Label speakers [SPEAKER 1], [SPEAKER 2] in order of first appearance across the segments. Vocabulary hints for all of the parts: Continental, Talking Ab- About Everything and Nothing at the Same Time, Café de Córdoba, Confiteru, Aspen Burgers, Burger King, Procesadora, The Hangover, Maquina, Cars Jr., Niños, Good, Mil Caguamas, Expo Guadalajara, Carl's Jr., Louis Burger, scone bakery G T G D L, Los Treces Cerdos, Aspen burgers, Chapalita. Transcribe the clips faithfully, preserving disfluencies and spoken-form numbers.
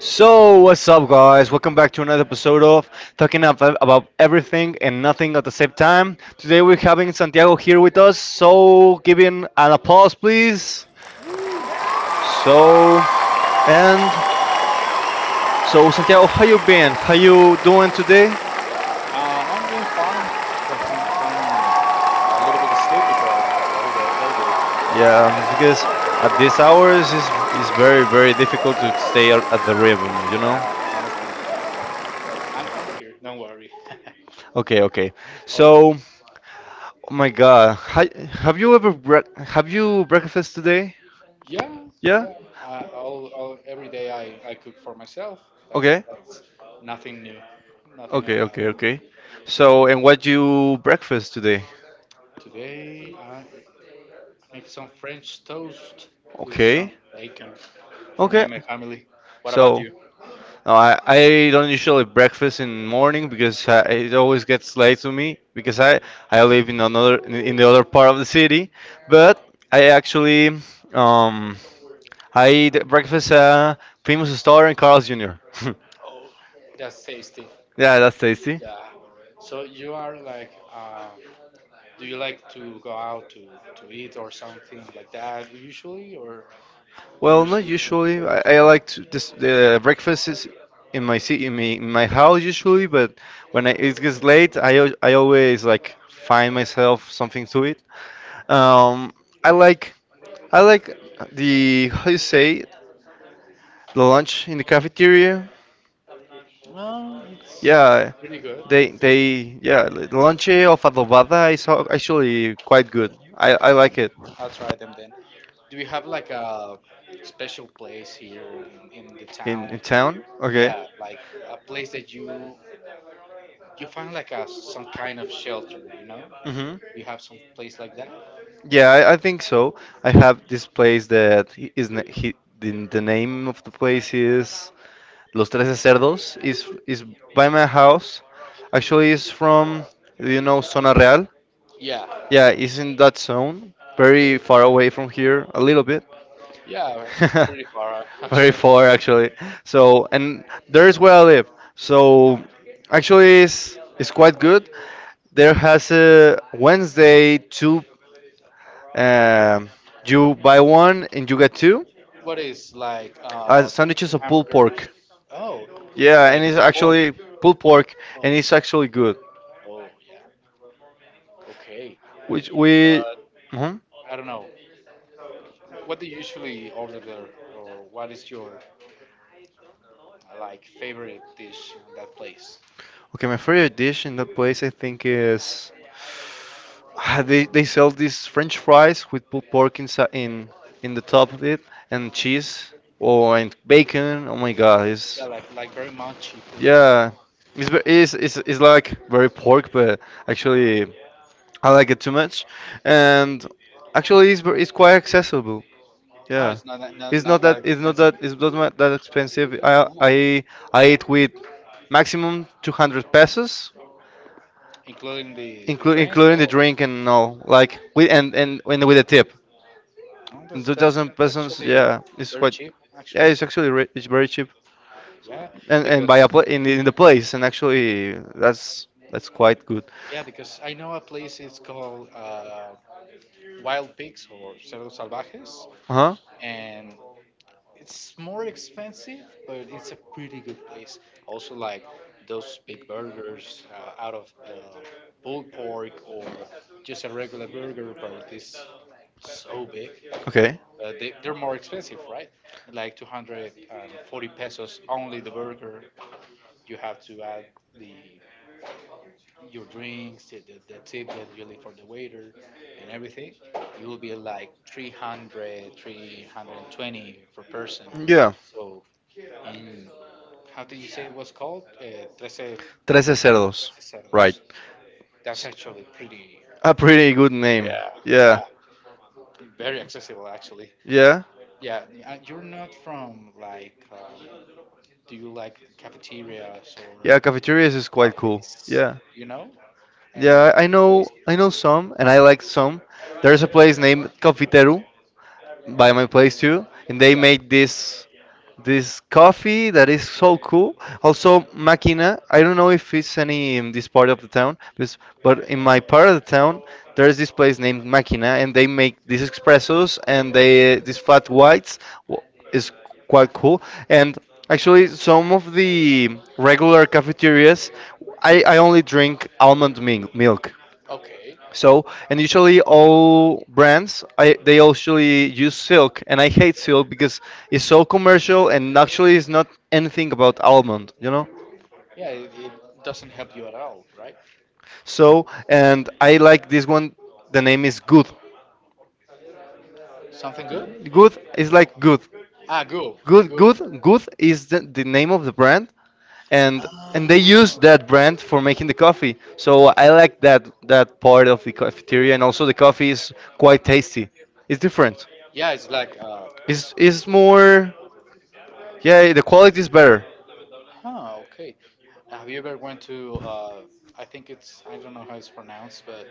[SPEAKER 1] So, what's up, guys? Welcome back to another episode of Talking Ab- About Everything and Nothing at the Same Time. Today, we're having Santiago here with us, so give him an applause, please.
[SPEAKER 2] Woo.
[SPEAKER 1] So, and so, Santiago, how you been? How you doing today?
[SPEAKER 2] Uh, I'm doing fine. Something, so I'm a little bit sleepy, but all go, all good.
[SPEAKER 1] Yeah,
[SPEAKER 2] Honestly.
[SPEAKER 1] it's because at these hours, it's, it's very, very difficult to stay at at the
[SPEAKER 2] Yeah,
[SPEAKER 1] rhythm, you know?
[SPEAKER 2] honestly, yeah. But I'm, I'm here. Don't worry.
[SPEAKER 1] Okay, okay.
[SPEAKER 2] All good.
[SPEAKER 1] So, oh my God, hi, have you ever bre- have you breakfast today?
[SPEAKER 2] Yeah,
[SPEAKER 1] Yeah.
[SPEAKER 2] yeah. I, all, all every day I, I cook for myself. Uh,
[SPEAKER 1] Okay.
[SPEAKER 2] that's nothing new, nothing about.
[SPEAKER 1] Okay, okay, okay. So, and what you breakfast today?
[SPEAKER 2] Today I make some French toast with some
[SPEAKER 1] Okay.
[SPEAKER 2] bacon for me
[SPEAKER 1] Okay.
[SPEAKER 2] and my family. What about
[SPEAKER 1] So,
[SPEAKER 2] you?
[SPEAKER 1] no, I I don't usually breakfast in morning because I, it always gets late to me because I I live in another in in the other part of the city, but I actually um I eat breakfast at a famous store in Carl's Junior
[SPEAKER 2] That's tasty.
[SPEAKER 1] Yeah, that's tasty.
[SPEAKER 2] Yeah. So you are like uh, do you like to go out to, to eat or something like that usually, or you
[SPEAKER 1] Well, not
[SPEAKER 2] usually cook for
[SPEAKER 1] usually. I, I
[SPEAKER 2] yourself?
[SPEAKER 1] like to this the breakfast is in my me in my house, but when I, it gets late, I al- I always like find myself something to eat. Um, I like I like the how you say the lunch in the cafeteria.
[SPEAKER 2] No, it's it's
[SPEAKER 1] Yeah,
[SPEAKER 2] pretty good.
[SPEAKER 1] they
[SPEAKER 2] It's decent.
[SPEAKER 1] they yeah, the lunch of adobada is al- actually quite good. I I like it
[SPEAKER 2] I'll try them then. Do you have like a special place here in, in the
[SPEAKER 1] in
[SPEAKER 2] town?
[SPEAKER 1] in town. Okay.
[SPEAKER 2] Yeah, like a place that you you find like a some kind of shelter, you know?
[SPEAKER 1] Hmm.
[SPEAKER 2] You have some place like that?
[SPEAKER 1] Yeah, I, I think so. I have this place that I- is na- he, the, the name of the place is Los Trece Cerdos is is by my house. Actually, it's from do you know Zona Real?
[SPEAKER 2] Yeah.
[SPEAKER 1] Yeah, it's in that zone, very
[SPEAKER 2] Okay.
[SPEAKER 1] far away from here, a little bit.
[SPEAKER 2] Yeah, pretty far out,
[SPEAKER 1] Very
[SPEAKER 2] actually.
[SPEAKER 1] far, actually. So, and there's where I live. So, actually, it's it's quite good. There has a Wednesday two. Um, you buy one and you get two.
[SPEAKER 2] What is like
[SPEAKER 1] Uh,
[SPEAKER 2] uh
[SPEAKER 1] sandwiches of pulled
[SPEAKER 2] hamburgers?
[SPEAKER 1] pork.
[SPEAKER 2] Oh,
[SPEAKER 1] Yeah, and
[SPEAKER 2] like
[SPEAKER 1] it's
[SPEAKER 2] pulled pork.
[SPEAKER 1] actually pulled pork,
[SPEAKER 2] Oh,
[SPEAKER 1] and
[SPEAKER 2] yeah.
[SPEAKER 1] it's actually good.
[SPEAKER 2] Oh, yeah. Okay. Uh,
[SPEAKER 1] Which we.
[SPEAKER 2] But
[SPEAKER 1] Mhm.
[SPEAKER 2] I don't know. What do you usually order there, or what is your uh, like favorite dish in that place?
[SPEAKER 1] Okay, my favorite dish in that place I think is they they sell these French fries with pulled pork inside, in in the top of it and cheese or and bacon. Oh my God,
[SPEAKER 2] Yeah,
[SPEAKER 1] it's
[SPEAKER 2] like like very munchy
[SPEAKER 1] yeah, it's ve- it's it's, it's like very pork, but actually I like
[SPEAKER 2] food.
[SPEAKER 1] it too much, and actually, it's ver- it's quite accessible.
[SPEAKER 2] Ah,
[SPEAKER 1] Yeah,
[SPEAKER 2] it's not that not,
[SPEAKER 1] it's not
[SPEAKER 2] not that
[SPEAKER 1] that it's not
[SPEAKER 2] expensive,
[SPEAKER 1] that it's not ma- that expensive. I
[SPEAKER 2] oh,
[SPEAKER 1] I I eat with maximum 200 pesos,
[SPEAKER 2] including the the
[SPEAKER 1] including
[SPEAKER 2] drink.
[SPEAKER 1] including the
[SPEAKER 2] Or,
[SPEAKER 1] drink and all. Like with and and, and with a tip,
[SPEAKER 2] oh, that's, that's
[SPEAKER 1] 2,000
[SPEAKER 2] that's
[SPEAKER 1] pesos.
[SPEAKER 2] actually
[SPEAKER 1] Yeah, it's
[SPEAKER 2] very
[SPEAKER 1] quite.
[SPEAKER 2] cheap,
[SPEAKER 1] Yeah,
[SPEAKER 2] actually.
[SPEAKER 1] it's actually re- it's very cheap,
[SPEAKER 2] Yeah,
[SPEAKER 1] and and
[SPEAKER 2] because
[SPEAKER 1] by a pla- in the, in the place, and actually that's that's quite good.
[SPEAKER 2] yeah, because I know a place. It's called uh, Wild Pigs or Cerdos Salvajes,
[SPEAKER 1] Uh huh.
[SPEAKER 2] and it's more expensive, but it's a pretty good place. Also, like those big burgers uh, out of uh, pulled pork or just a regular burger, but it's so big.
[SPEAKER 1] Okay.
[SPEAKER 2] Uh, they, they're more expensive, right? Like two hundred forty pesos only the burger. You have to add the your drinks, the, the, the tip that you leave for the waiter, and everything, you will be like three hundred, three hundred twenty three hundred twenty per person.
[SPEAKER 1] Yeah.
[SPEAKER 2] So, in how did you say it was called? Uh, thirteen
[SPEAKER 1] Trece cerdos. Right.
[SPEAKER 2] cerdos. That's actually pretty,
[SPEAKER 1] A pretty good name.
[SPEAKER 2] yeah, yeah,
[SPEAKER 1] Yeah.
[SPEAKER 2] very accessible actually.
[SPEAKER 1] Yeah.
[SPEAKER 2] Yeah, uh, you're not from like, um, do you like cafeterias or
[SPEAKER 1] Yeah, cafeterias is quite cool.
[SPEAKER 2] cafes,
[SPEAKER 1] Yeah.
[SPEAKER 2] you know? Any
[SPEAKER 1] Yeah, I I know
[SPEAKER 2] place?
[SPEAKER 1] I know some and I like some. There's a place named Confiteru by
[SPEAKER 2] I
[SPEAKER 1] my
[SPEAKER 2] mean,
[SPEAKER 1] place too, and
[SPEAKER 2] they
[SPEAKER 1] they
[SPEAKER 2] yeah make
[SPEAKER 1] make this this
[SPEAKER 2] this
[SPEAKER 1] coffee that is so cool. Also, Maquina. I don't know if it's any in this part of the town, this- but in my part of the town, there's this place named Maquina, and they make these
[SPEAKER 2] good espresso
[SPEAKER 1] espressos and
[SPEAKER 2] and they
[SPEAKER 1] they these flat whites w- is
[SPEAKER 2] this.
[SPEAKER 1] quite cool. And actually,
[SPEAKER 2] Actually,
[SPEAKER 1] some of the regular cafeterias, I I only drink almond mil- milk.
[SPEAKER 2] okay, so
[SPEAKER 1] So, and usually all brands, I, they usually use silk, and I hate silk because it's so commercial and actually
[SPEAKER 2] actually,
[SPEAKER 1] it's not anything about almond, you know?
[SPEAKER 2] yeah, it, it doesn't help you at all, right?
[SPEAKER 1] So, and I like this one, the
[SPEAKER 2] The
[SPEAKER 1] name is Good.
[SPEAKER 2] something good?
[SPEAKER 1] Good
[SPEAKER 2] Good.
[SPEAKER 1] is like good.
[SPEAKER 2] Ah, good, good.
[SPEAKER 1] Good,
[SPEAKER 2] Good.
[SPEAKER 1] good, good is the, the name of the brand, and and they use
[SPEAKER 2] Oh.
[SPEAKER 1] that brand for making the coffee. So I like that that part of the cafeteria, and also the coffee is quite tasty. It's different.
[SPEAKER 2] Yeah, it's like, uh,
[SPEAKER 1] It's it's more. Yeah, yeah, the quality is better.
[SPEAKER 2] huh, okay. Have you ever went to, uh, I think it's, I don't know how it's pronounced, but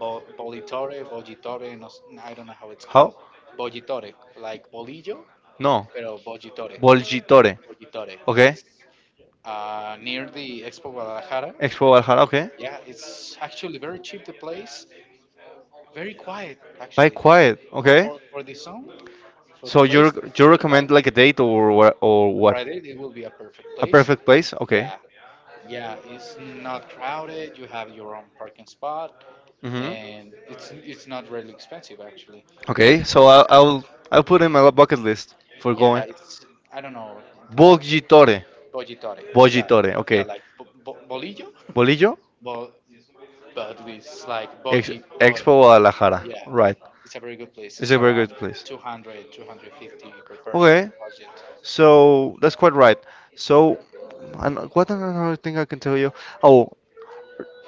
[SPEAKER 2] Bo Bolitore, Bolitore, no, s- I don't know how it's
[SPEAKER 1] How?
[SPEAKER 2] called. Bolitore, like bolillo,
[SPEAKER 1] No.
[SPEAKER 2] pero Bolitore,
[SPEAKER 1] Volgitore.
[SPEAKER 2] Bolitore.
[SPEAKER 1] Okay.
[SPEAKER 2] Uh, near the Expo Guadalajara.
[SPEAKER 1] Expo Valhalla. Okay.
[SPEAKER 2] Yeah, it's actually very cheap, the place. Very quiet,
[SPEAKER 1] Buy
[SPEAKER 2] actually.
[SPEAKER 1] quiet.
[SPEAKER 2] For,
[SPEAKER 1] Okay.
[SPEAKER 2] for, for the song, for the
[SPEAKER 1] So
[SPEAKER 2] place.
[SPEAKER 1] you rec- you
[SPEAKER 2] Very quiet.
[SPEAKER 1] recommend like a date or wha- or what?
[SPEAKER 2] Friday, it will be a perfect
[SPEAKER 1] A
[SPEAKER 2] place.
[SPEAKER 1] perfect place. Okay.
[SPEAKER 2] Yeah, yeah. It's not crowded. You have your own parking spot,
[SPEAKER 1] Mhm.
[SPEAKER 2] and it's it's not really expensive actually.
[SPEAKER 1] Okay.
[SPEAKER 2] It-
[SPEAKER 1] So I'll I'll I'll put in my bucket list for
[SPEAKER 2] yeah,
[SPEAKER 1] going.
[SPEAKER 2] it's I don't know the budget.
[SPEAKER 1] Volgitore.
[SPEAKER 2] Budgetary. Yeah,
[SPEAKER 1] Volgitore.
[SPEAKER 2] yeah.
[SPEAKER 1] Okay.
[SPEAKER 2] Like bo- bo- bolillo,
[SPEAKER 1] Bolillo.
[SPEAKER 2] Bo- but with like
[SPEAKER 1] Ex-
[SPEAKER 2] budgetary.
[SPEAKER 1] Expo Guadalajara.
[SPEAKER 2] Yeah,
[SPEAKER 1] Right.
[SPEAKER 2] it's a very good place.
[SPEAKER 1] It's
[SPEAKER 2] It's
[SPEAKER 1] a very good
[SPEAKER 2] around
[SPEAKER 1] place.
[SPEAKER 2] two hundred, two hundred fifty per person
[SPEAKER 1] Okay. So that's quite right. So,
[SPEAKER 2] budget.
[SPEAKER 1] and what another thing I can tell you? Oh,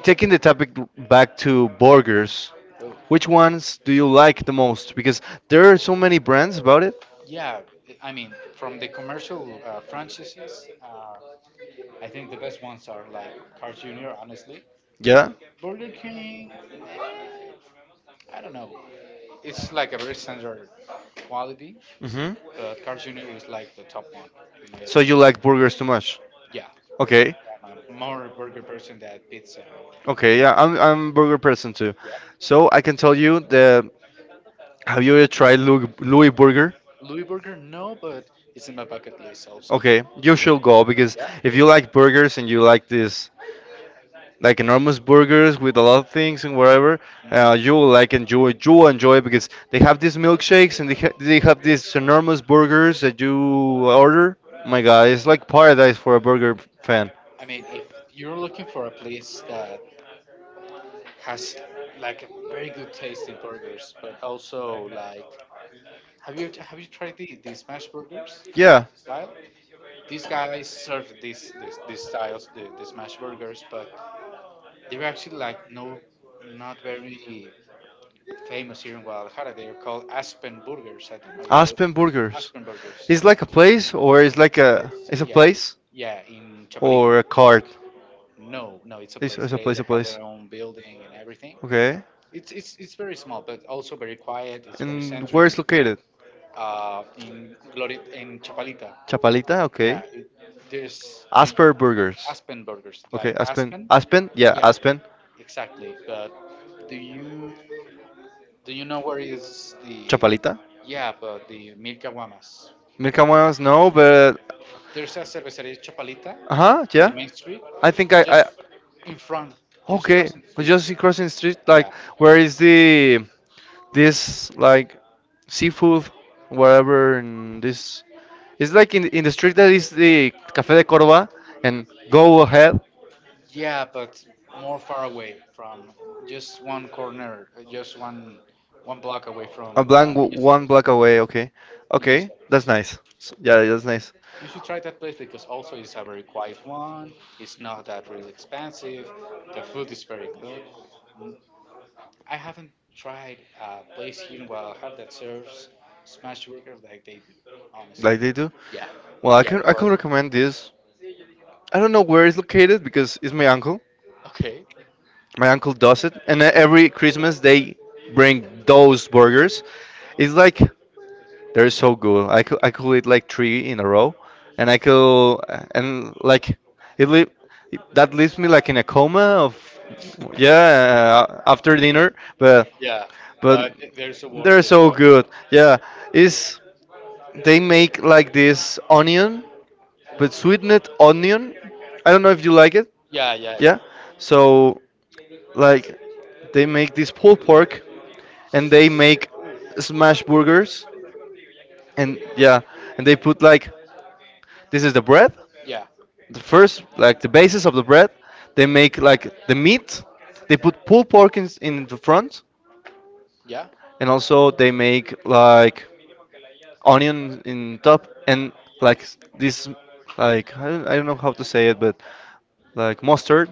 [SPEAKER 1] taking the topic back to burgers,
[SPEAKER 2] Oh.
[SPEAKER 1] which ones do you like the most? Because there are so many brands about it.
[SPEAKER 2] Yeah, I mean, from the commercial uh, franchises, uh, I think the best ones are like Cars Junior, honestly.
[SPEAKER 1] Yeah.
[SPEAKER 2] Burger King, I don't know. It's like a very standard quality,
[SPEAKER 1] Mhm.
[SPEAKER 2] but Cars Junior is like the top one, in my
[SPEAKER 1] So you
[SPEAKER 2] opinion.
[SPEAKER 1] like burgers too much?
[SPEAKER 2] Yeah,
[SPEAKER 1] Okay.
[SPEAKER 2] I'm a more burger person than pizza or
[SPEAKER 1] Okay.
[SPEAKER 2] anything.
[SPEAKER 1] Yeah, I'm I'm a burger person too.
[SPEAKER 2] Yeah.
[SPEAKER 1] So I can tell you the. Have you ever tried Louis, Louis Burger?
[SPEAKER 2] Louis Burger, no, but it's in my bucket list also.
[SPEAKER 1] Okay, you should go because
[SPEAKER 2] Yeah.
[SPEAKER 1] if you like burgers and you like this, like enormous burgers with a lot of things and whatever.
[SPEAKER 2] Mm,
[SPEAKER 1] Uh, you will like enjoy. You will enjoy because they have these milkshakes and they ha- they have these enormous burgers that you order. My God, it's like paradise for a burger fan.
[SPEAKER 2] I mean, if you're looking for a place that has like a very good taste in burgers, but also like, have you have you tried the, the smash burgers
[SPEAKER 1] Yeah.
[SPEAKER 2] style? These guys serve these these, these styles, the, the smash burgers, but they're actually like no, not very famous here in Guadalajara. They are called Aspen burgers. I don't know if you
[SPEAKER 1] Aspen Burgers.
[SPEAKER 2] Aspen burgers.
[SPEAKER 1] It's like a place, or it's like
[SPEAKER 2] A
[SPEAKER 1] a
[SPEAKER 2] place.
[SPEAKER 1] it's a
[SPEAKER 2] Yeah,
[SPEAKER 1] place
[SPEAKER 2] yeah, in Chapalita.
[SPEAKER 1] or a cart.
[SPEAKER 2] No, no, it's a
[SPEAKER 1] It's,
[SPEAKER 2] place.
[SPEAKER 1] it's a
[SPEAKER 2] They,
[SPEAKER 1] place,
[SPEAKER 2] they
[SPEAKER 1] a
[SPEAKER 2] have
[SPEAKER 1] place.
[SPEAKER 2] their own building and everything.
[SPEAKER 1] Okay.
[SPEAKER 2] It's it's it's very small, but also very quiet. It's very
[SPEAKER 1] And where
[SPEAKER 2] centric.
[SPEAKER 1] is located?
[SPEAKER 2] Uh, in Glorit, in Chapalita,
[SPEAKER 1] Chapalita.
[SPEAKER 2] yeah,
[SPEAKER 1] Okay.
[SPEAKER 2] it, there's the
[SPEAKER 1] Asper Burgers.
[SPEAKER 2] Aspen? Burgers,
[SPEAKER 1] Okay.
[SPEAKER 2] like
[SPEAKER 1] Aspen.
[SPEAKER 2] Aspen.
[SPEAKER 1] Aspen. Yeah.
[SPEAKER 2] Yeah. Yeah,
[SPEAKER 1] Aspen.
[SPEAKER 2] exactly. But do you do you know where is the?
[SPEAKER 1] Chapalita.
[SPEAKER 2] Yeah, but the Mil Caguamas.
[SPEAKER 1] Milka Muas, no, but
[SPEAKER 2] There's a cervecería Chapalita
[SPEAKER 1] uh huh.
[SPEAKER 2] in the
[SPEAKER 1] Yeah.
[SPEAKER 2] main street.
[SPEAKER 1] I think I I
[SPEAKER 2] In front, just
[SPEAKER 1] okay,
[SPEAKER 2] crossing the
[SPEAKER 1] we
[SPEAKER 2] street.
[SPEAKER 1] just see crossing the street,
[SPEAKER 2] Yeah.
[SPEAKER 1] like where is the this like seafood, wherever in this. It's like in in the street that is the Café de Córdoba, and go ahead
[SPEAKER 2] Yeah, but more far away from just one corner, uh, just one one block away from
[SPEAKER 1] a
[SPEAKER 2] the
[SPEAKER 1] blank w- one
[SPEAKER 2] Niños.
[SPEAKER 1] block away. Okay,
[SPEAKER 2] Niños.
[SPEAKER 1] okay, that's nice. S- Yeah, that's nice.
[SPEAKER 2] You should try that place because also it's a very quiet one. It's not that really expensive. The food is very good. I haven't tried a place here in Guadalajara that serves smash burgers like they do,
[SPEAKER 1] Like
[SPEAKER 2] honestly.
[SPEAKER 1] they do.
[SPEAKER 2] Yeah,
[SPEAKER 1] Well, I
[SPEAKER 2] yeah,
[SPEAKER 1] can
[SPEAKER 2] the
[SPEAKER 1] I can
[SPEAKER 2] quality.
[SPEAKER 1] recommend this. I don't know where it's located because it's my uncle.
[SPEAKER 2] Okay.
[SPEAKER 1] My uncle does it, and e- every Christmas they bring those burgers. It's like. They're so good. I could I could eat like three in a row, and I could, and like it leave, that leaves me like in a coma of yeah uh, after dinner. But
[SPEAKER 2] Yeah,
[SPEAKER 1] but
[SPEAKER 2] but th- they're so
[SPEAKER 1] they're
[SPEAKER 2] worth it,
[SPEAKER 1] so
[SPEAKER 2] right?
[SPEAKER 1] good. Yeah, is they make like this onion, but sweetened onion. I don't know if you like it.
[SPEAKER 2] Yeah, yeah,
[SPEAKER 1] Yeah,
[SPEAKER 2] yeah.
[SPEAKER 1] so like they make this pulled pork, and they make smash burgers, and yeah, and they put like this is the bread,
[SPEAKER 2] Yeah.
[SPEAKER 1] the first like the basis of the bread, they make like the meat, they put pulled pork in, in the front,
[SPEAKER 2] Yeah.
[SPEAKER 1] and also they make like onion in top and like s- this like I don't, I don't know how to say it but like mustard.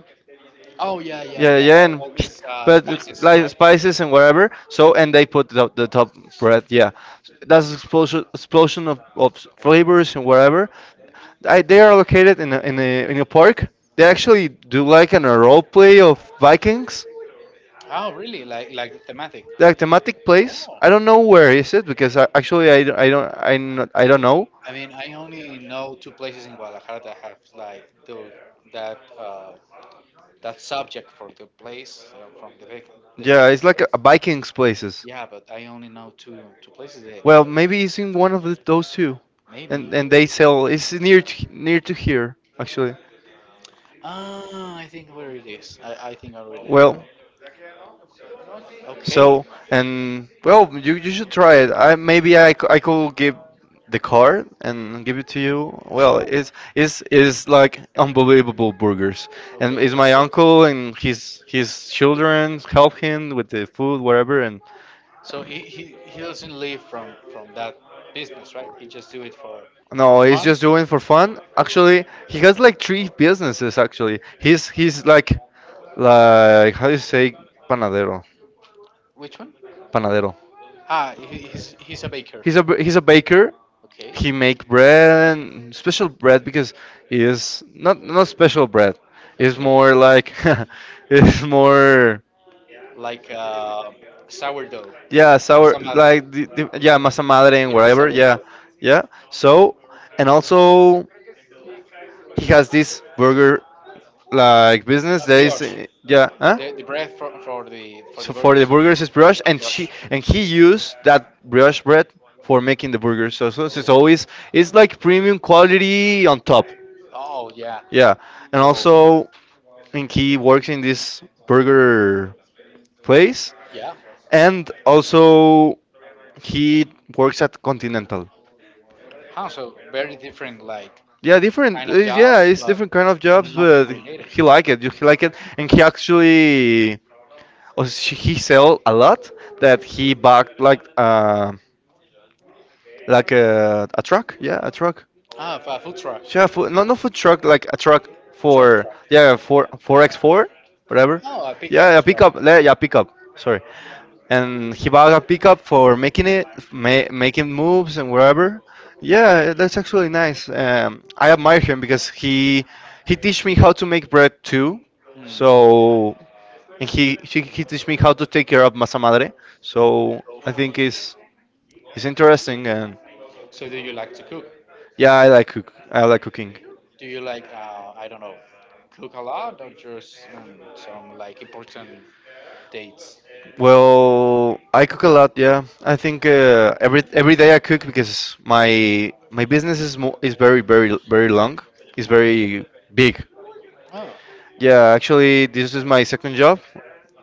[SPEAKER 2] Oh yeah, yeah,
[SPEAKER 1] Yeah, yeah,
[SPEAKER 2] yeah.
[SPEAKER 1] yeah,
[SPEAKER 2] All,
[SPEAKER 1] and
[SPEAKER 2] all these uh,
[SPEAKER 1] but it's
[SPEAKER 2] spices,
[SPEAKER 1] like
[SPEAKER 2] right?
[SPEAKER 1] spices and whatever. So and they put the, the top bread. Yeah, that's explosion explosion of, of
[SPEAKER 2] Oh.
[SPEAKER 1] flavors and whatever. I, they are located in a, in a in a park. They actually do like an a role play of Vikings,
[SPEAKER 2] Oh, really? Like like thematic?
[SPEAKER 1] like thematic place.
[SPEAKER 2] Oh,
[SPEAKER 1] I don't know where is it because I, actually I, don't- I don't I'm not, I do not i not i do not know.
[SPEAKER 2] I mean, I only know two places in Guadalajara that have like the that uh, that subject for the place uh, from the Vic- the
[SPEAKER 1] Yeah,
[SPEAKER 2] Viking.
[SPEAKER 1] it's like a, a Vikings places.
[SPEAKER 2] Yeah, but I only know two two places there.
[SPEAKER 1] Well,
[SPEAKER 2] But
[SPEAKER 1] maybe it's in one of the, those two,
[SPEAKER 2] maybe.
[SPEAKER 1] and and they sell. It's near to, near to here actually.
[SPEAKER 2] Ah, I think where it is. I, I think I already
[SPEAKER 1] Well,
[SPEAKER 2] know.
[SPEAKER 1] so
[SPEAKER 2] Okay,
[SPEAKER 1] and well, you you should try it. I maybe I, c- I could give the card and give it to you. Well,
[SPEAKER 2] sure.
[SPEAKER 1] it's it's it's like unbelievable burgers, and
[SPEAKER 2] Okay.
[SPEAKER 1] it's my uncle and his his children help him with the food, whatever, and
[SPEAKER 2] So he, he, he doesn't live from, from that business, right? He just do it for, for
[SPEAKER 1] no, he's
[SPEAKER 2] fun.
[SPEAKER 1] just doing for fun. Actually, he has like three businesses. Actually, he's he's like like how do you say panadero?
[SPEAKER 2] Which one?
[SPEAKER 1] Panadero.
[SPEAKER 2] Ah, he, he's he's a baker.
[SPEAKER 1] He's a b- he's a baker.
[SPEAKER 2] Okay.
[SPEAKER 1] He make bread and special bread because it is not not special bread. It's
[SPEAKER 2] Okay.
[SPEAKER 1] more like it's more,
[SPEAKER 2] Like uh, sourdough,
[SPEAKER 1] yeah, sour
[SPEAKER 2] masa madre.
[SPEAKER 1] like the, the, yeah, masa madre and
[SPEAKER 2] Yeah,
[SPEAKER 1] whatever, yeah,
[SPEAKER 2] sourdough.
[SPEAKER 1] yeah. So and also he has this burger like business
[SPEAKER 2] Uh,
[SPEAKER 1] that is
[SPEAKER 2] brioche.
[SPEAKER 1] uh, yeah huh?
[SPEAKER 2] The, the bread for, for the for
[SPEAKER 1] So
[SPEAKER 2] the
[SPEAKER 1] for the
[SPEAKER 2] burgers.
[SPEAKER 1] burgers is brioche, and she
[SPEAKER 2] Brioche.
[SPEAKER 1] and he used that brioche bread for making the burgers. So so it's
[SPEAKER 2] Oh,
[SPEAKER 1] always it's like premium quality on top.
[SPEAKER 2] oh, yeah.
[SPEAKER 1] Yeah. And
[SPEAKER 2] Yo.
[SPEAKER 1] also, and he works in this burger place
[SPEAKER 2] Yeah.
[SPEAKER 1] and also he works at Continental.
[SPEAKER 2] Huh, so very different. Like
[SPEAKER 1] Yeah, different.
[SPEAKER 2] kind
[SPEAKER 1] uh,
[SPEAKER 2] of
[SPEAKER 1] Yeah,
[SPEAKER 2] jobs,
[SPEAKER 1] it's
[SPEAKER 2] but
[SPEAKER 1] different kind of jobs,
[SPEAKER 2] nothing
[SPEAKER 1] but
[SPEAKER 2] related.
[SPEAKER 1] he like it. He like it, and he actually oh, sh- he sell a lot that he backed like uh like a a truck. Yeah, a truck.
[SPEAKER 2] Ah, for a food truck,
[SPEAKER 1] Yeah, food, not not food truck, like a truck
[SPEAKER 2] truck
[SPEAKER 1] for,
[SPEAKER 2] truck.
[SPEAKER 1] yeah, for four x four whatever.
[SPEAKER 2] Oh, a pickup
[SPEAKER 1] Yeah, a
[SPEAKER 2] truck.
[SPEAKER 1] pickup. Yeah, yeah, pickup. Sorry. And he bought a pickup for making it, ma making moves and wherever. Yeah, that's actually nice. Um, I admire him because he he teach me how to make bread too.
[SPEAKER 2] Hmm.
[SPEAKER 1] So and he he, he teach me how to take care of masa madre. So I think it's it's interesting and
[SPEAKER 2] So, do you like to cook?
[SPEAKER 1] yeah, I like cook. I like cooking.
[SPEAKER 2] Do you like uh, I don't know, cook a lot or just um, some like important dates?
[SPEAKER 1] Well, I cook a lot, yeah. I think uh, every every day I cook because my my business is mo is very very very long. It's
[SPEAKER 2] Okay.
[SPEAKER 1] very big.
[SPEAKER 2] Oh. Yeah.
[SPEAKER 1] Yeah, actually, this is my second job.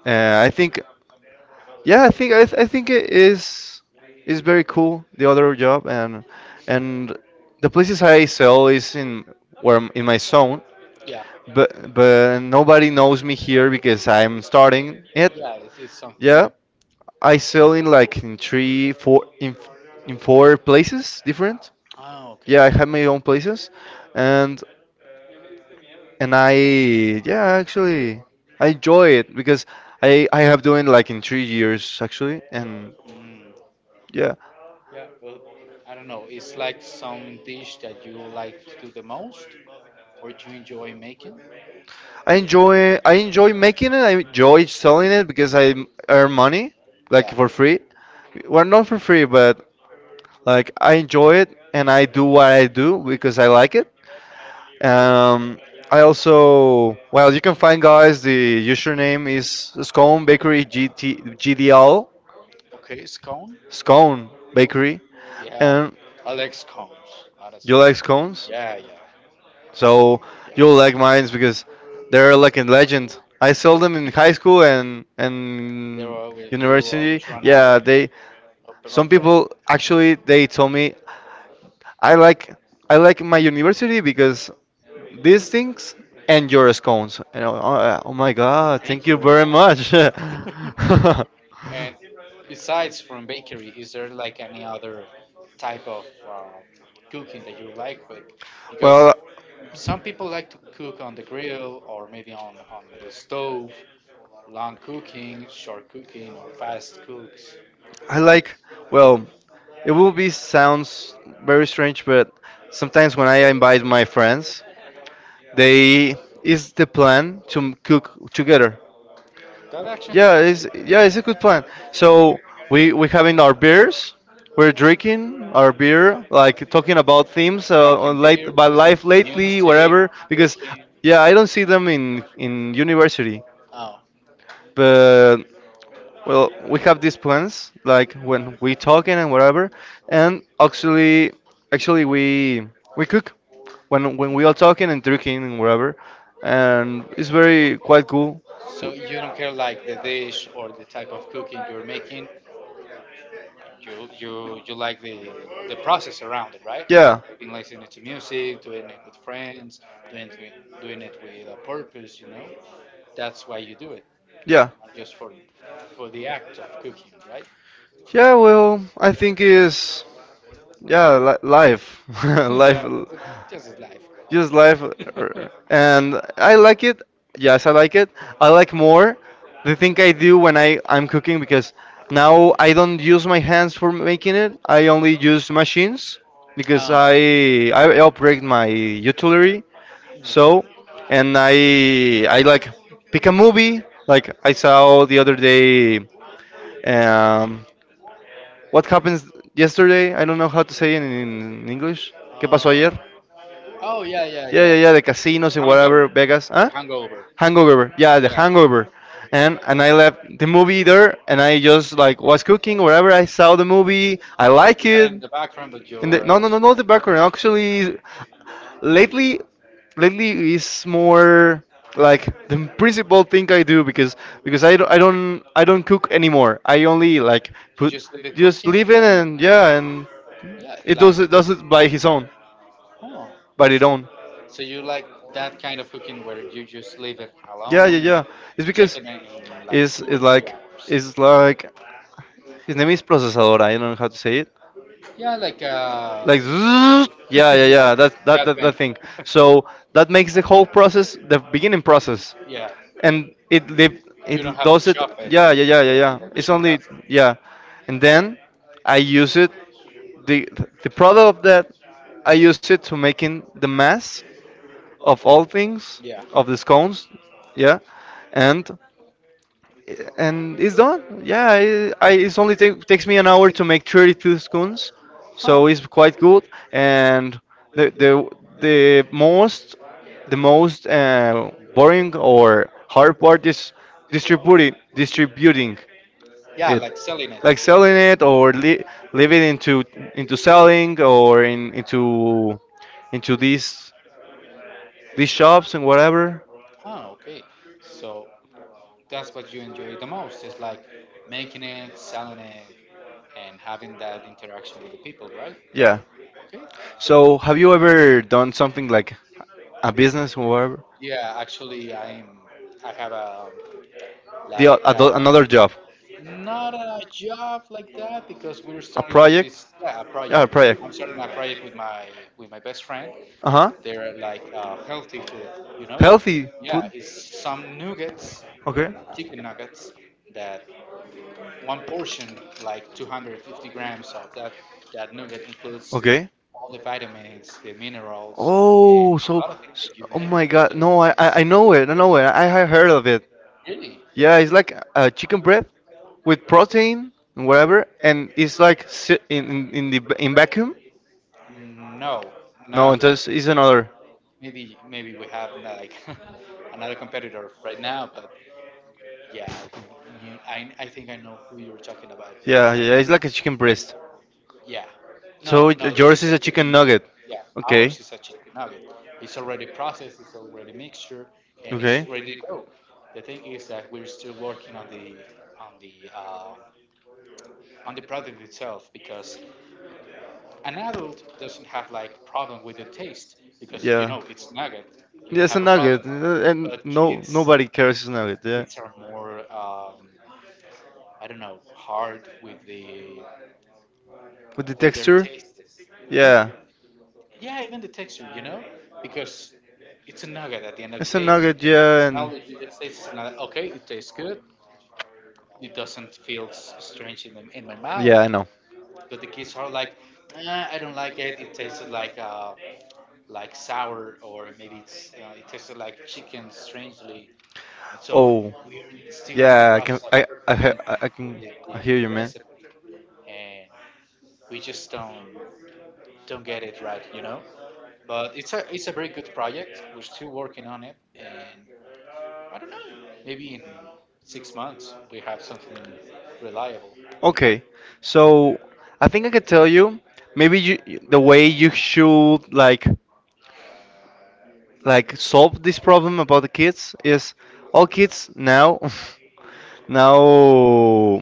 [SPEAKER 1] Uh, I think, yeah, I think I, th I think it is is very cool, the other job. And and the places I sell is in where I'm in my zone, but but nobody knows me here because I'm starting it.
[SPEAKER 2] Yeah, it's, it's something
[SPEAKER 1] Yeah,
[SPEAKER 2] new.
[SPEAKER 1] I sell in like in three, four, in f- in four places different.
[SPEAKER 2] Oh, okay.
[SPEAKER 1] Yeah, I have my own places, and and I yeah, actually, I enjoy it because I I have doing like in three years actually. And
[SPEAKER 2] Mm.
[SPEAKER 1] yeah,
[SPEAKER 2] Yeah, well, I don't know. It's like some dish that you like to do the most or you enjoy making.
[SPEAKER 1] I enjoy, I enjoy making it, I enjoy selling it because I earn money like
[SPEAKER 2] Yeah.
[SPEAKER 1] for free. Well, not for free, but like I enjoy it and I do what I do because I like it. um I also, well, you can find guys, the username is scone bakery G T G D L,
[SPEAKER 2] Okay, scone.
[SPEAKER 1] scone bakery.
[SPEAKER 2] Yeah.
[SPEAKER 1] And
[SPEAKER 2] I like scones. Honestly.
[SPEAKER 1] you like scones?
[SPEAKER 2] Yeah, yeah,
[SPEAKER 1] So
[SPEAKER 2] yeah.
[SPEAKER 1] you'll like mines because they're like a legend. I sold them in high school and
[SPEAKER 2] There
[SPEAKER 1] and
[SPEAKER 2] are you
[SPEAKER 1] university.
[SPEAKER 2] always run out of,
[SPEAKER 1] Yeah, they, some
[SPEAKER 2] of bread.
[SPEAKER 1] people actually they told me, I like, I like my university because these things and your scones. And oh, oh, oh my God,
[SPEAKER 2] Thank
[SPEAKER 1] thank you
[SPEAKER 2] you very
[SPEAKER 1] very
[SPEAKER 2] much.
[SPEAKER 1] much.
[SPEAKER 2] And besides from bakery, is there like any other type of uh, cooking that you like? Like, because
[SPEAKER 1] Well,
[SPEAKER 2] some people like to cook on the grill or maybe on, on the stove, long cooking, short cooking, or fast cooks.
[SPEAKER 1] I like, well, it will be sounds very strange, but sometimes when I invite my friends, they is the plan to m- cook together.
[SPEAKER 2] That actually
[SPEAKER 1] Yeah,
[SPEAKER 2] sounds
[SPEAKER 1] it's, yeah,
[SPEAKER 2] good.
[SPEAKER 1] it's a good plan. So we we having our beers. We're drinking our beer, like talking about themes uh,
[SPEAKER 2] Cracking
[SPEAKER 1] on late
[SPEAKER 2] beer,
[SPEAKER 1] by
[SPEAKER 2] listening
[SPEAKER 1] life
[SPEAKER 2] to
[SPEAKER 1] lately,
[SPEAKER 2] music,
[SPEAKER 1] whatever. Because
[SPEAKER 2] cooking.
[SPEAKER 1] yeah, I don't see them in in university,
[SPEAKER 2] Oh,
[SPEAKER 1] but well, we have these plans, like when we talking and whatever. And actually, actually we we cook when when we all talking and drinking and whatever, and it's very quite cool.
[SPEAKER 2] so you don't care like the dish or the type of cooking you're making. You you you like the the process around it, right?
[SPEAKER 1] Yeah,
[SPEAKER 2] You've been listening to music, doing it with friends, doing it- doing it with a purpose. You know, that's why you do it,
[SPEAKER 1] yeah,
[SPEAKER 2] not just for for the act of cooking, right?
[SPEAKER 1] yeah. Well, I think is, yeah, li- life,
[SPEAKER 2] Yeah,
[SPEAKER 1] life.
[SPEAKER 2] that's- just as life.
[SPEAKER 1] Just life, er, and I like it. Yes, I like it. I like more the thing I do when I I'm cooking because now I don't use my hands for making it. I only use machines because
[SPEAKER 2] Oh,
[SPEAKER 1] I I operate my utility. So, and I I like pick a movie. Like I saw the other day. Um, what happens yesterday? I don't know how to say it in English. ¿Qué pasó
[SPEAKER 2] um,
[SPEAKER 1] ayer?
[SPEAKER 2] oh yeah, yeah,
[SPEAKER 1] Yeah, yeah,
[SPEAKER 2] yeah.
[SPEAKER 1] yeah, the casinos and
[SPEAKER 2] Hangover,
[SPEAKER 1] whatever, Vegas.
[SPEAKER 2] The
[SPEAKER 1] Huh?
[SPEAKER 2] Hangover.
[SPEAKER 1] Hangover. Yeah, The
[SPEAKER 2] Yeah,
[SPEAKER 1] Hangover. And and I left the movie there, and I just like was cooking wherever I saw the movie. I like
[SPEAKER 2] you had
[SPEAKER 1] it.
[SPEAKER 2] it in the background, but you
[SPEAKER 1] And the,
[SPEAKER 2] were
[SPEAKER 1] no, no, no,
[SPEAKER 2] also
[SPEAKER 1] not the background. Actually, lately, lately is more like the principal thing I do because because I don't I don't I don't
[SPEAKER 2] like,
[SPEAKER 1] cook anymore. I only
[SPEAKER 2] you
[SPEAKER 1] like put,
[SPEAKER 2] just leave it
[SPEAKER 1] just
[SPEAKER 2] cooking
[SPEAKER 1] leave it and
[SPEAKER 2] and
[SPEAKER 1] yeah, and
[SPEAKER 2] yeah,
[SPEAKER 1] it
[SPEAKER 2] like
[SPEAKER 1] does it does it by his own,
[SPEAKER 2] oh,
[SPEAKER 1] by it own.
[SPEAKER 2] so you like that kind of cooking where you just leave it
[SPEAKER 1] Yeah, yeah,
[SPEAKER 2] alone or
[SPEAKER 1] yeah. It's
[SPEAKER 2] check
[SPEAKER 1] because
[SPEAKER 2] it in, in like
[SPEAKER 1] it's
[SPEAKER 2] two or
[SPEAKER 1] it's
[SPEAKER 2] three
[SPEAKER 1] like,
[SPEAKER 2] hours.
[SPEAKER 1] it's like his name is Procesadora. I don't know how to say it.
[SPEAKER 2] Yeah, like uh,
[SPEAKER 1] Like, zzzz. Yeah, yeah,
[SPEAKER 2] yeah,
[SPEAKER 1] yeah. That's that,
[SPEAKER 2] that
[SPEAKER 1] that that
[SPEAKER 2] thing.
[SPEAKER 1] thing. So that makes the whole process, the beginning process,
[SPEAKER 2] Yeah,
[SPEAKER 1] and it live,
[SPEAKER 2] you don't
[SPEAKER 1] it
[SPEAKER 2] have to
[SPEAKER 1] does it.
[SPEAKER 2] chop it.
[SPEAKER 1] Yeah, yeah, yeah, yeah,
[SPEAKER 2] The,
[SPEAKER 1] yeah.
[SPEAKER 2] the
[SPEAKER 1] It's
[SPEAKER 2] machine does
[SPEAKER 1] only, yeah, and
[SPEAKER 2] it.
[SPEAKER 1] then I use it. the The product of that, I use it to making the mass of all things
[SPEAKER 2] Yeah.
[SPEAKER 1] of the scones. Yeah, and and it's done. Yeah, I, I it's only take, takes me an hour to make thirty-two scones, so
[SPEAKER 2] Huh.
[SPEAKER 1] it's quite good. And the the the most the most uh, boring or hard part is distributing distributing
[SPEAKER 2] Yeah,
[SPEAKER 1] it,
[SPEAKER 2] like selling it.
[SPEAKER 1] like selling it, or li- leave it into into selling or in into into these these shops and whatever.
[SPEAKER 2] Ah, okay. So that's what you enjoy the most. It's like making it, selling it, and having that interaction with the people, right?
[SPEAKER 1] Yeah.
[SPEAKER 2] Okay.
[SPEAKER 1] So have you ever done something like a business or whatever?
[SPEAKER 2] Yeah, actually, I'm. I have a
[SPEAKER 1] The o-
[SPEAKER 2] like a,
[SPEAKER 1] ado- another job,
[SPEAKER 2] not a job like that because we're
[SPEAKER 1] a
[SPEAKER 2] starting
[SPEAKER 1] project.
[SPEAKER 2] this yeah a
[SPEAKER 1] Yeah, a
[SPEAKER 2] project.
[SPEAKER 1] project.
[SPEAKER 2] I'm starting a project with my with my best friend.
[SPEAKER 1] Uh huh.
[SPEAKER 2] They're like uh, healthy food, you know.
[SPEAKER 1] Healthy
[SPEAKER 2] Yeah,
[SPEAKER 1] food.
[SPEAKER 2] it's some nuggets,
[SPEAKER 1] Okay.
[SPEAKER 2] chicken nuggets that one portion, like two hundred fifty grams of that, that nugget, includes
[SPEAKER 1] Okay.
[SPEAKER 2] all the vitamins, the minerals, and
[SPEAKER 1] Oh,
[SPEAKER 2] a
[SPEAKER 1] so,
[SPEAKER 2] lot of things
[SPEAKER 1] s
[SPEAKER 2] that you
[SPEAKER 1] oh
[SPEAKER 2] need.
[SPEAKER 1] my God. No, I, I I know it. I know it. I have heard of it.
[SPEAKER 2] Really?
[SPEAKER 1] Yeah, it's like a chicken bread with protein and whatever, and it's like si in in, in the v- in vacuum.
[SPEAKER 2] No,
[SPEAKER 1] No, it
[SPEAKER 2] not
[SPEAKER 1] does- it's another.
[SPEAKER 2] maybe. Maybe we have like another competitor right now, but yeah, you, I I think I know who you're talking about
[SPEAKER 1] Yeah,
[SPEAKER 2] right
[SPEAKER 1] yeah, yeah, it's
[SPEAKER 2] now.
[SPEAKER 1] like a chicken breast.
[SPEAKER 2] Yeah.
[SPEAKER 1] So
[SPEAKER 2] No, no,
[SPEAKER 1] it-
[SPEAKER 2] this
[SPEAKER 1] yours
[SPEAKER 2] is
[SPEAKER 1] is
[SPEAKER 2] a
[SPEAKER 1] a
[SPEAKER 2] chicken
[SPEAKER 1] chicken
[SPEAKER 2] nugget.
[SPEAKER 1] nugget.
[SPEAKER 2] Yeah,
[SPEAKER 1] Okay.
[SPEAKER 2] ours is a chicken nugget. It's already processed, it's already mixture, and it's
[SPEAKER 1] Okay.
[SPEAKER 2] ready to go. The thing is that we're still working on the on the um, on the product itself because an adult doesn't have like problem with the taste because you know it's nugget, you
[SPEAKER 1] Yeah,
[SPEAKER 2] don't
[SPEAKER 1] it's a
[SPEAKER 2] have a problem.
[SPEAKER 1] nugget, uh, and
[SPEAKER 2] But kids,
[SPEAKER 1] nobody cares it's a nugget. Yeah.
[SPEAKER 2] kids are more um, I don't know hard with the
[SPEAKER 1] With the
[SPEAKER 2] with their
[SPEAKER 1] texture.
[SPEAKER 2] tastes.
[SPEAKER 1] Yeah.
[SPEAKER 2] Yeah, even the texture, you know, because it's a nugget at the end of the
[SPEAKER 1] Day.
[SPEAKER 2] day.
[SPEAKER 1] Nugget.
[SPEAKER 2] As an
[SPEAKER 1] Yeah,
[SPEAKER 2] adult, you just taste it and like, okay, it tastes good. It doesn't feel s- strange in the, in my
[SPEAKER 1] yeah,
[SPEAKER 2] mouth.
[SPEAKER 1] I know.
[SPEAKER 2] But the kids are like, "Nah, I don't like it. It tasted like uh, like sour, or maybe it's uh, it tasted like chicken strangely." And so
[SPEAKER 1] Oh.
[SPEAKER 2] we're still in the
[SPEAKER 1] Yeah, I can.
[SPEAKER 2] process of
[SPEAKER 1] I I he- I I can,
[SPEAKER 2] the,
[SPEAKER 1] I hear
[SPEAKER 2] the, the
[SPEAKER 1] you, man.
[SPEAKER 2] recipe, and we just don't. Don't get it right, you know. But it's a it's a very good project. We're still working on it, and I don't know. Maybe in six months we have something reliable, you know.
[SPEAKER 1] Okay, so I think I could tell you, maybe you the way you should like like solve this problem about the kids is, all kids now now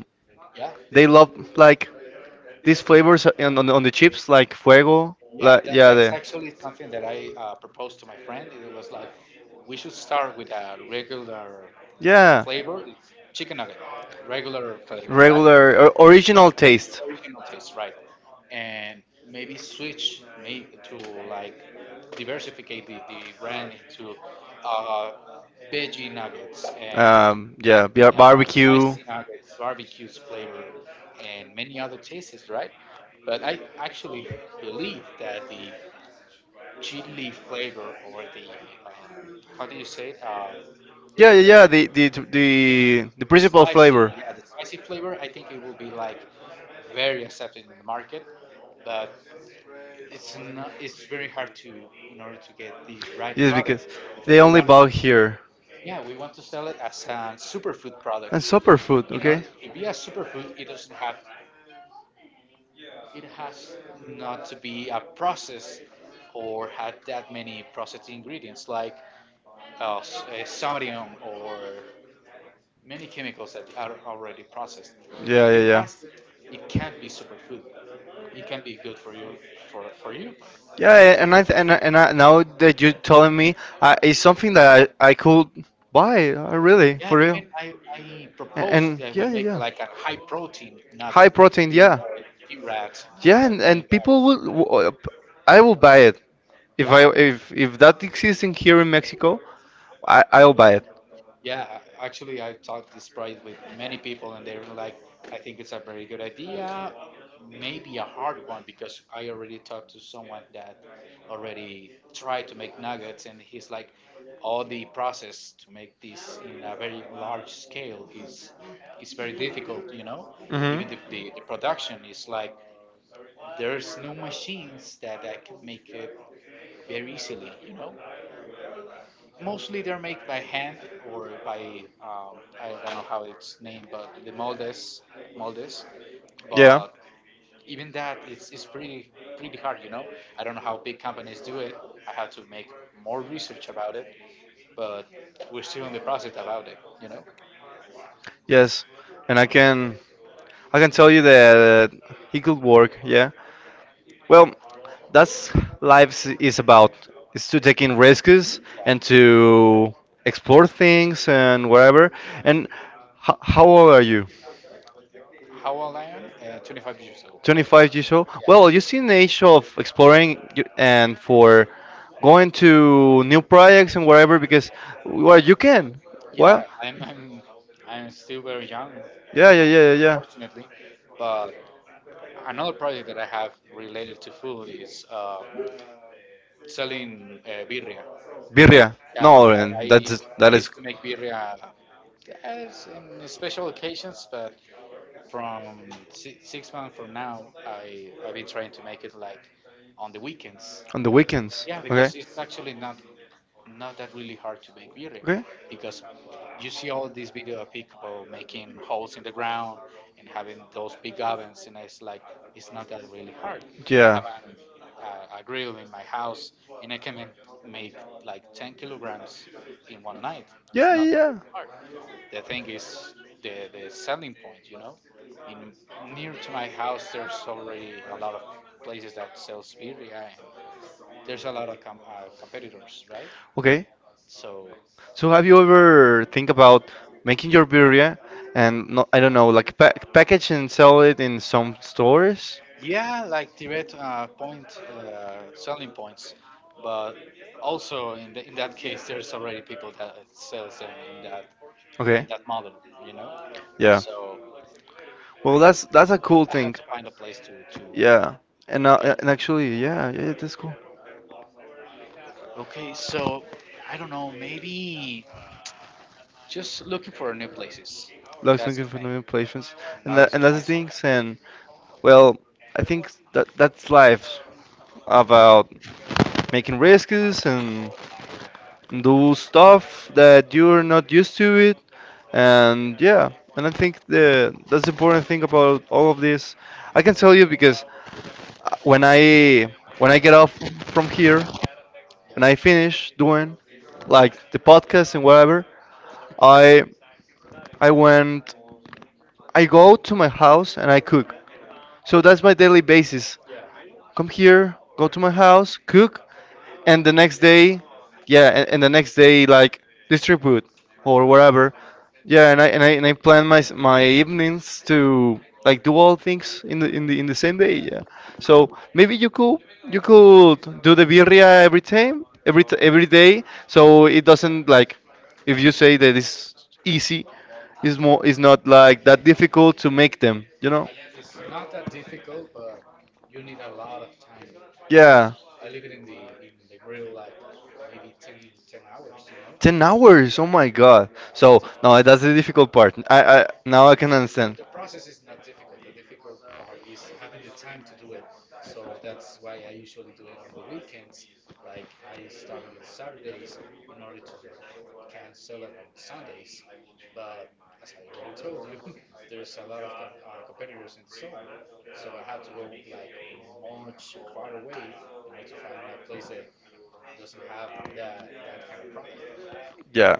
[SPEAKER 1] they love like these flavors on on, on
[SPEAKER 2] Yeah.
[SPEAKER 1] the chips like fuego,
[SPEAKER 2] Yeah,
[SPEAKER 1] like
[SPEAKER 2] that,
[SPEAKER 1] yeah
[SPEAKER 2] that's
[SPEAKER 1] the,
[SPEAKER 2] actually something that I uh, proposed to my friend. It was like, we should start with a regular mm,
[SPEAKER 1] yeah.
[SPEAKER 2] flavor, it's chicken nugget, regular flavor, right?
[SPEAKER 1] Regular or original taste.
[SPEAKER 2] Original taste, right? And maybe switch maybe to like diversificate the, the brand into uh, veggie nuggets and
[SPEAKER 1] Um, yeah, bar-
[SPEAKER 2] uh,
[SPEAKER 1] barbecue.
[SPEAKER 2] spicy nuggets, barbecues flavor, and many other tastes, right? But I actually believe that the chili flavor or the um, how do you say it? Uh,
[SPEAKER 1] Yeah, yeah, yeah. The the the the principal
[SPEAKER 2] spicy.
[SPEAKER 1] flavor.
[SPEAKER 2] Yeah, the spicy flavor. I think it will be like very accepted in the market, but it's not. It's very hard to In order to get the right
[SPEAKER 1] Yes, because
[SPEAKER 2] product because
[SPEAKER 1] they
[SPEAKER 2] we
[SPEAKER 1] only
[SPEAKER 2] want it.
[SPEAKER 1] buy here
[SPEAKER 2] Yeah, we want to sell it as a superfood
[SPEAKER 1] and
[SPEAKER 2] product.
[SPEAKER 1] superfood.
[SPEAKER 2] In order
[SPEAKER 1] Okay.
[SPEAKER 2] to be a superfood, it doesn't have. It has not to be a process or had that many processed ingredients like of uh, sodium or many chemicals that are already processed.
[SPEAKER 1] Yeah,
[SPEAKER 2] If
[SPEAKER 1] yeah,
[SPEAKER 2] it
[SPEAKER 1] yeah.
[SPEAKER 2] has it, it can be superfood. It can be good for you, for, for you, but
[SPEAKER 1] Yeah, a-
[SPEAKER 2] it
[SPEAKER 1] and I
[SPEAKER 2] won't be.
[SPEAKER 1] th- and I, and I, now that you're telling me, I, it's something that I, I could buy. uh, Really,
[SPEAKER 2] Yeah,
[SPEAKER 1] for real.
[SPEAKER 2] even I, I
[SPEAKER 1] And,
[SPEAKER 2] proposed
[SPEAKER 1] and
[SPEAKER 2] that we
[SPEAKER 1] yeah, yeah,
[SPEAKER 2] make
[SPEAKER 1] yeah.
[SPEAKER 2] like a high protein
[SPEAKER 1] High
[SPEAKER 2] nugget,
[SPEAKER 1] protein,
[SPEAKER 2] even
[SPEAKER 1] yeah,
[SPEAKER 2] for gym rats and all
[SPEAKER 1] yeah, and,
[SPEAKER 2] that kind of
[SPEAKER 1] and people
[SPEAKER 2] guys.
[SPEAKER 1] will. w- uh, p- I will buy it. If I
[SPEAKER 2] Yeah,
[SPEAKER 1] if if that exists in here in Mexico, I I'll buy it.
[SPEAKER 2] yeah, a- actually, I've talked this price with many people, and they're like, I think it's a very good idea, maybe a hard one, because I already talked to someone that already tried to make nuggets, and he's like, all the process to make this in a very large scale is is very difficult, you know.
[SPEAKER 1] Mhm.
[SPEAKER 2] Even the, the, the production is like, there's no machines that, that can make it very easily, you know. Mostly they're made by hand or by um, I don't know how it's named, but the moldes, moldes.
[SPEAKER 1] Yeah.
[SPEAKER 2] But even that, it's it's pretty pretty hard, you know. I don't know how big companies do it. I have to make more research about it, but we're still in the process about it, you know.
[SPEAKER 1] Yes. And I can. I can tell you that it could work. Yeah. Well, that's life is about. It's to taking risks and to explore things and whatever. And h- how old are you?
[SPEAKER 2] How old I am? Uh, twenty-five years old.
[SPEAKER 1] twenty-five years old.
[SPEAKER 2] Yeah.
[SPEAKER 1] Well, you see an age of exploring y- and for going to new projects and wherever because well you can. Well,
[SPEAKER 2] Yeah, I'm I'm I'm still very young,
[SPEAKER 1] yeah, yeah,
[SPEAKER 2] unfortunately.
[SPEAKER 1] yeah, yeah, yeah.
[SPEAKER 2] But another project that I have related to food is uh, selling uh, birria.
[SPEAKER 1] Birria.
[SPEAKER 2] Yeah,
[SPEAKER 1] No,
[SPEAKER 2] I,
[SPEAKER 1] and
[SPEAKER 2] I
[SPEAKER 1] that's
[SPEAKER 2] I
[SPEAKER 1] that is
[SPEAKER 2] used to make birria as in special occasions, but from si six months from now, I I've been trying to make it like on the weekends.
[SPEAKER 1] weekends.
[SPEAKER 2] Yeah, because it's actually not not that really hard to make beer because you see all these video of people making holes in the ground and having those big ovens and it's like it's not that really hard. I
[SPEAKER 1] Yeah. I
[SPEAKER 2] have
[SPEAKER 1] have.
[SPEAKER 2] an, a, a grill in my house and I can make, make like ten kilograms in one night. It's
[SPEAKER 1] Yeah,
[SPEAKER 2] not
[SPEAKER 1] yeah,
[SPEAKER 2] that.
[SPEAKER 1] yeah.
[SPEAKER 2] The thing is the, the selling point, you know. In Near to my house there's already a lot of places that sells birria. There's a lot of com- uh, competitors, right?
[SPEAKER 1] Okay.
[SPEAKER 2] So
[SPEAKER 1] So have you ever think about making your birria and, no, I don't know, like pa package and sell it in some stores?
[SPEAKER 2] yeah, like direct uh, point uh, selling points, but also in the, in that case, there's already people that sells them in that
[SPEAKER 1] Okay.
[SPEAKER 2] in that model, you know.
[SPEAKER 1] Yeah.
[SPEAKER 2] So
[SPEAKER 1] Well, that's that's a cool
[SPEAKER 2] I have
[SPEAKER 1] thing.
[SPEAKER 2] to find a place to to
[SPEAKER 1] Yeah. And uh,
[SPEAKER 2] get.
[SPEAKER 1] and actually, yeah, yeah, yeah, that's cool.
[SPEAKER 2] Okay, so I don't know, maybe just looking for new places.
[SPEAKER 1] Looks
[SPEAKER 2] That's the
[SPEAKER 1] looking for
[SPEAKER 2] thing.
[SPEAKER 1] new places,
[SPEAKER 2] In
[SPEAKER 1] and
[SPEAKER 2] order
[SPEAKER 1] that,
[SPEAKER 2] to
[SPEAKER 1] and that's the
[SPEAKER 2] find something.
[SPEAKER 1] things. And well, I think that that's life about making risks and do stuff that you're not used to it. And yeah, and I think the that's the important thing about all of this. I can tell you because, uh, when I, when I get off from here, when I finish doing like the podcast and whatever, I I went I go to my house and I cook. So that's my daily basis. Come here, go to my house, cook. And the next day, yeah, and, and the next day like distribute or whatever. Yeah, and I and I and I plan my s- my evenings to like do all things in the in the in the same day. Yeah. So maybe you could, you could do the birria every time, every t- every day, so it doesn't like, if you say that it's easy, it's
[SPEAKER 2] Yeah.
[SPEAKER 1] more, it's not like that difficult to make them. You know?
[SPEAKER 2] It's not that difficult, but you need a lot of time. Yeah, because
[SPEAKER 1] Yeah.
[SPEAKER 2] I live it in the in the grill like maybe ten ten hours, you
[SPEAKER 1] Ten
[SPEAKER 2] know?
[SPEAKER 1] hours! Oh my God!
[SPEAKER 2] So.
[SPEAKER 1] So no, that's the difficult part. I, I now I can understand.
[SPEAKER 2] The process is not difficult. The difficult part is having the time to do it. So that's why I usually do it on the weekends. Like I start on Saturdays in order to cancel it on Sundays. But as I already told you, there's a lot of com- uh, competitors in the zone. So I have to go like much far away in order to find a place that doesn't have that that kind of product. Yeah.
[SPEAKER 1] Yeah.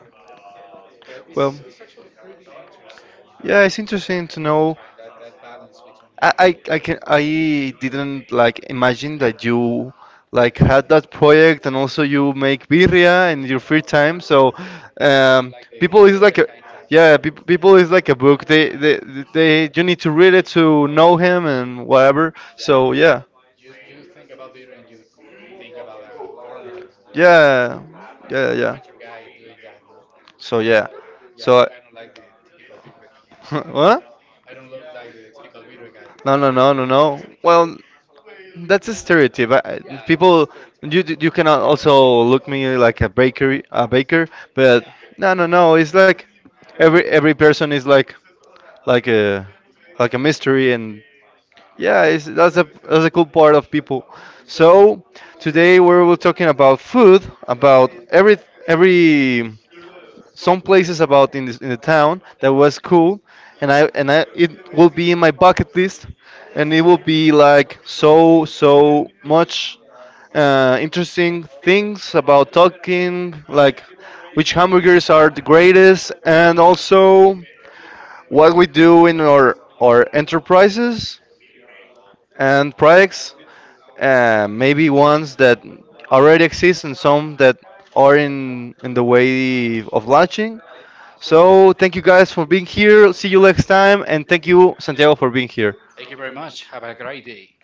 [SPEAKER 2] But
[SPEAKER 1] Well,
[SPEAKER 2] it's it's actually pretty interesting, you know?
[SPEAKER 1] yeah, it's interesting to
[SPEAKER 2] That
[SPEAKER 1] know.
[SPEAKER 2] that balance I, between
[SPEAKER 1] I,
[SPEAKER 2] I, I,
[SPEAKER 1] I, I can, I didn't like imagine that you like had that project and also you make
[SPEAKER 2] Syria
[SPEAKER 1] birria in your free time. So,
[SPEAKER 2] yeah and
[SPEAKER 1] um,
[SPEAKER 2] they,
[SPEAKER 1] people
[SPEAKER 2] people,
[SPEAKER 1] is like a,
[SPEAKER 2] yeah yeah,
[SPEAKER 1] yeah, peop people
[SPEAKER 2] people is
[SPEAKER 1] is
[SPEAKER 2] like
[SPEAKER 1] like a book. They, they
[SPEAKER 2] they
[SPEAKER 1] they you need to read it to know him and
[SPEAKER 2] whatever.
[SPEAKER 1] whatever.
[SPEAKER 2] Yeah, so
[SPEAKER 1] So
[SPEAKER 2] yeah,
[SPEAKER 1] yeah,
[SPEAKER 2] you you think about theater and you think about a farmer. Or yeah, yeah,
[SPEAKER 1] yeah, yeah,
[SPEAKER 2] yeah,
[SPEAKER 1] yeah.
[SPEAKER 2] regular guy doing that, you know. So
[SPEAKER 1] So
[SPEAKER 2] yeah,
[SPEAKER 1] yeah,
[SPEAKER 2] yeah,
[SPEAKER 1] so
[SPEAKER 2] so but I don't like the typical
[SPEAKER 1] I-
[SPEAKER 2] video.
[SPEAKER 1] what?
[SPEAKER 2] I don't look like the typical video guy. No,
[SPEAKER 1] No,
[SPEAKER 2] no,
[SPEAKER 1] no,
[SPEAKER 2] no.
[SPEAKER 1] no, no, no.
[SPEAKER 2] Well,
[SPEAKER 1] Well, that's
[SPEAKER 2] that's a
[SPEAKER 1] a
[SPEAKER 2] stereotype.
[SPEAKER 1] stereotype. I, I-
[SPEAKER 2] Yeah, people,
[SPEAKER 1] people, you
[SPEAKER 2] you,
[SPEAKER 1] d- you cannot also look me like a bakery, a
[SPEAKER 2] baker,
[SPEAKER 1] baker,
[SPEAKER 2] but
[SPEAKER 1] but no
[SPEAKER 2] I
[SPEAKER 1] no
[SPEAKER 2] don't know.
[SPEAKER 1] no. It's
[SPEAKER 2] It's
[SPEAKER 1] like
[SPEAKER 2] like
[SPEAKER 1] every
[SPEAKER 2] every
[SPEAKER 1] every person is like like
[SPEAKER 2] like a
[SPEAKER 1] a,
[SPEAKER 2] like
[SPEAKER 1] like a
[SPEAKER 2] a mystery.
[SPEAKER 1] mystery, and
[SPEAKER 2] Yeah,
[SPEAKER 1] yeah,
[SPEAKER 2] so
[SPEAKER 1] it's, that's
[SPEAKER 2] that's a,
[SPEAKER 1] a, that's
[SPEAKER 2] that's a
[SPEAKER 1] a
[SPEAKER 2] good.
[SPEAKER 1] cool part of people.
[SPEAKER 2] So
[SPEAKER 1] So today
[SPEAKER 2] today
[SPEAKER 1] we're,
[SPEAKER 2] was
[SPEAKER 1] we're talking about food,
[SPEAKER 2] about
[SPEAKER 1] about every
[SPEAKER 2] so
[SPEAKER 1] every some places about in this, in the town that was cool, and I and I it will
[SPEAKER 2] movie
[SPEAKER 1] be in my bucket list,
[SPEAKER 2] and
[SPEAKER 1] and
[SPEAKER 2] we
[SPEAKER 1] it will
[SPEAKER 2] will
[SPEAKER 1] be like so so
[SPEAKER 2] much
[SPEAKER 1] much
[SPEAKER 2] uh,
[SPEAKER 1] uh, interesting
[SPEAKER 2] things
[SPEAKER 1] things about talking like
[SPEAKER 2] which
[SPEAKER 1] which
[SPEAKER 2] have a
[SPEAKER 1] hamburgers are the
[SPEAKER 2] rated
[SPEAKER 1] greatest,
[SPEAKER 2] and
[SPEAKER 1] and also what we do in our our enterprises and projects, uh, maybe ones that already exist and some that are in in the
[SPEAKER 2] uh,
[SPEAKER 1] way of launching. So
[SPEAKER 2] so, thank
[SPEAKER 1] thank you guys for being here. See you
[SPEAKER 2] you.
[SPEAKER 1] next time, and thank you Santiago for being here.
[SPEAKER 2] Thank you very much. Have a great day.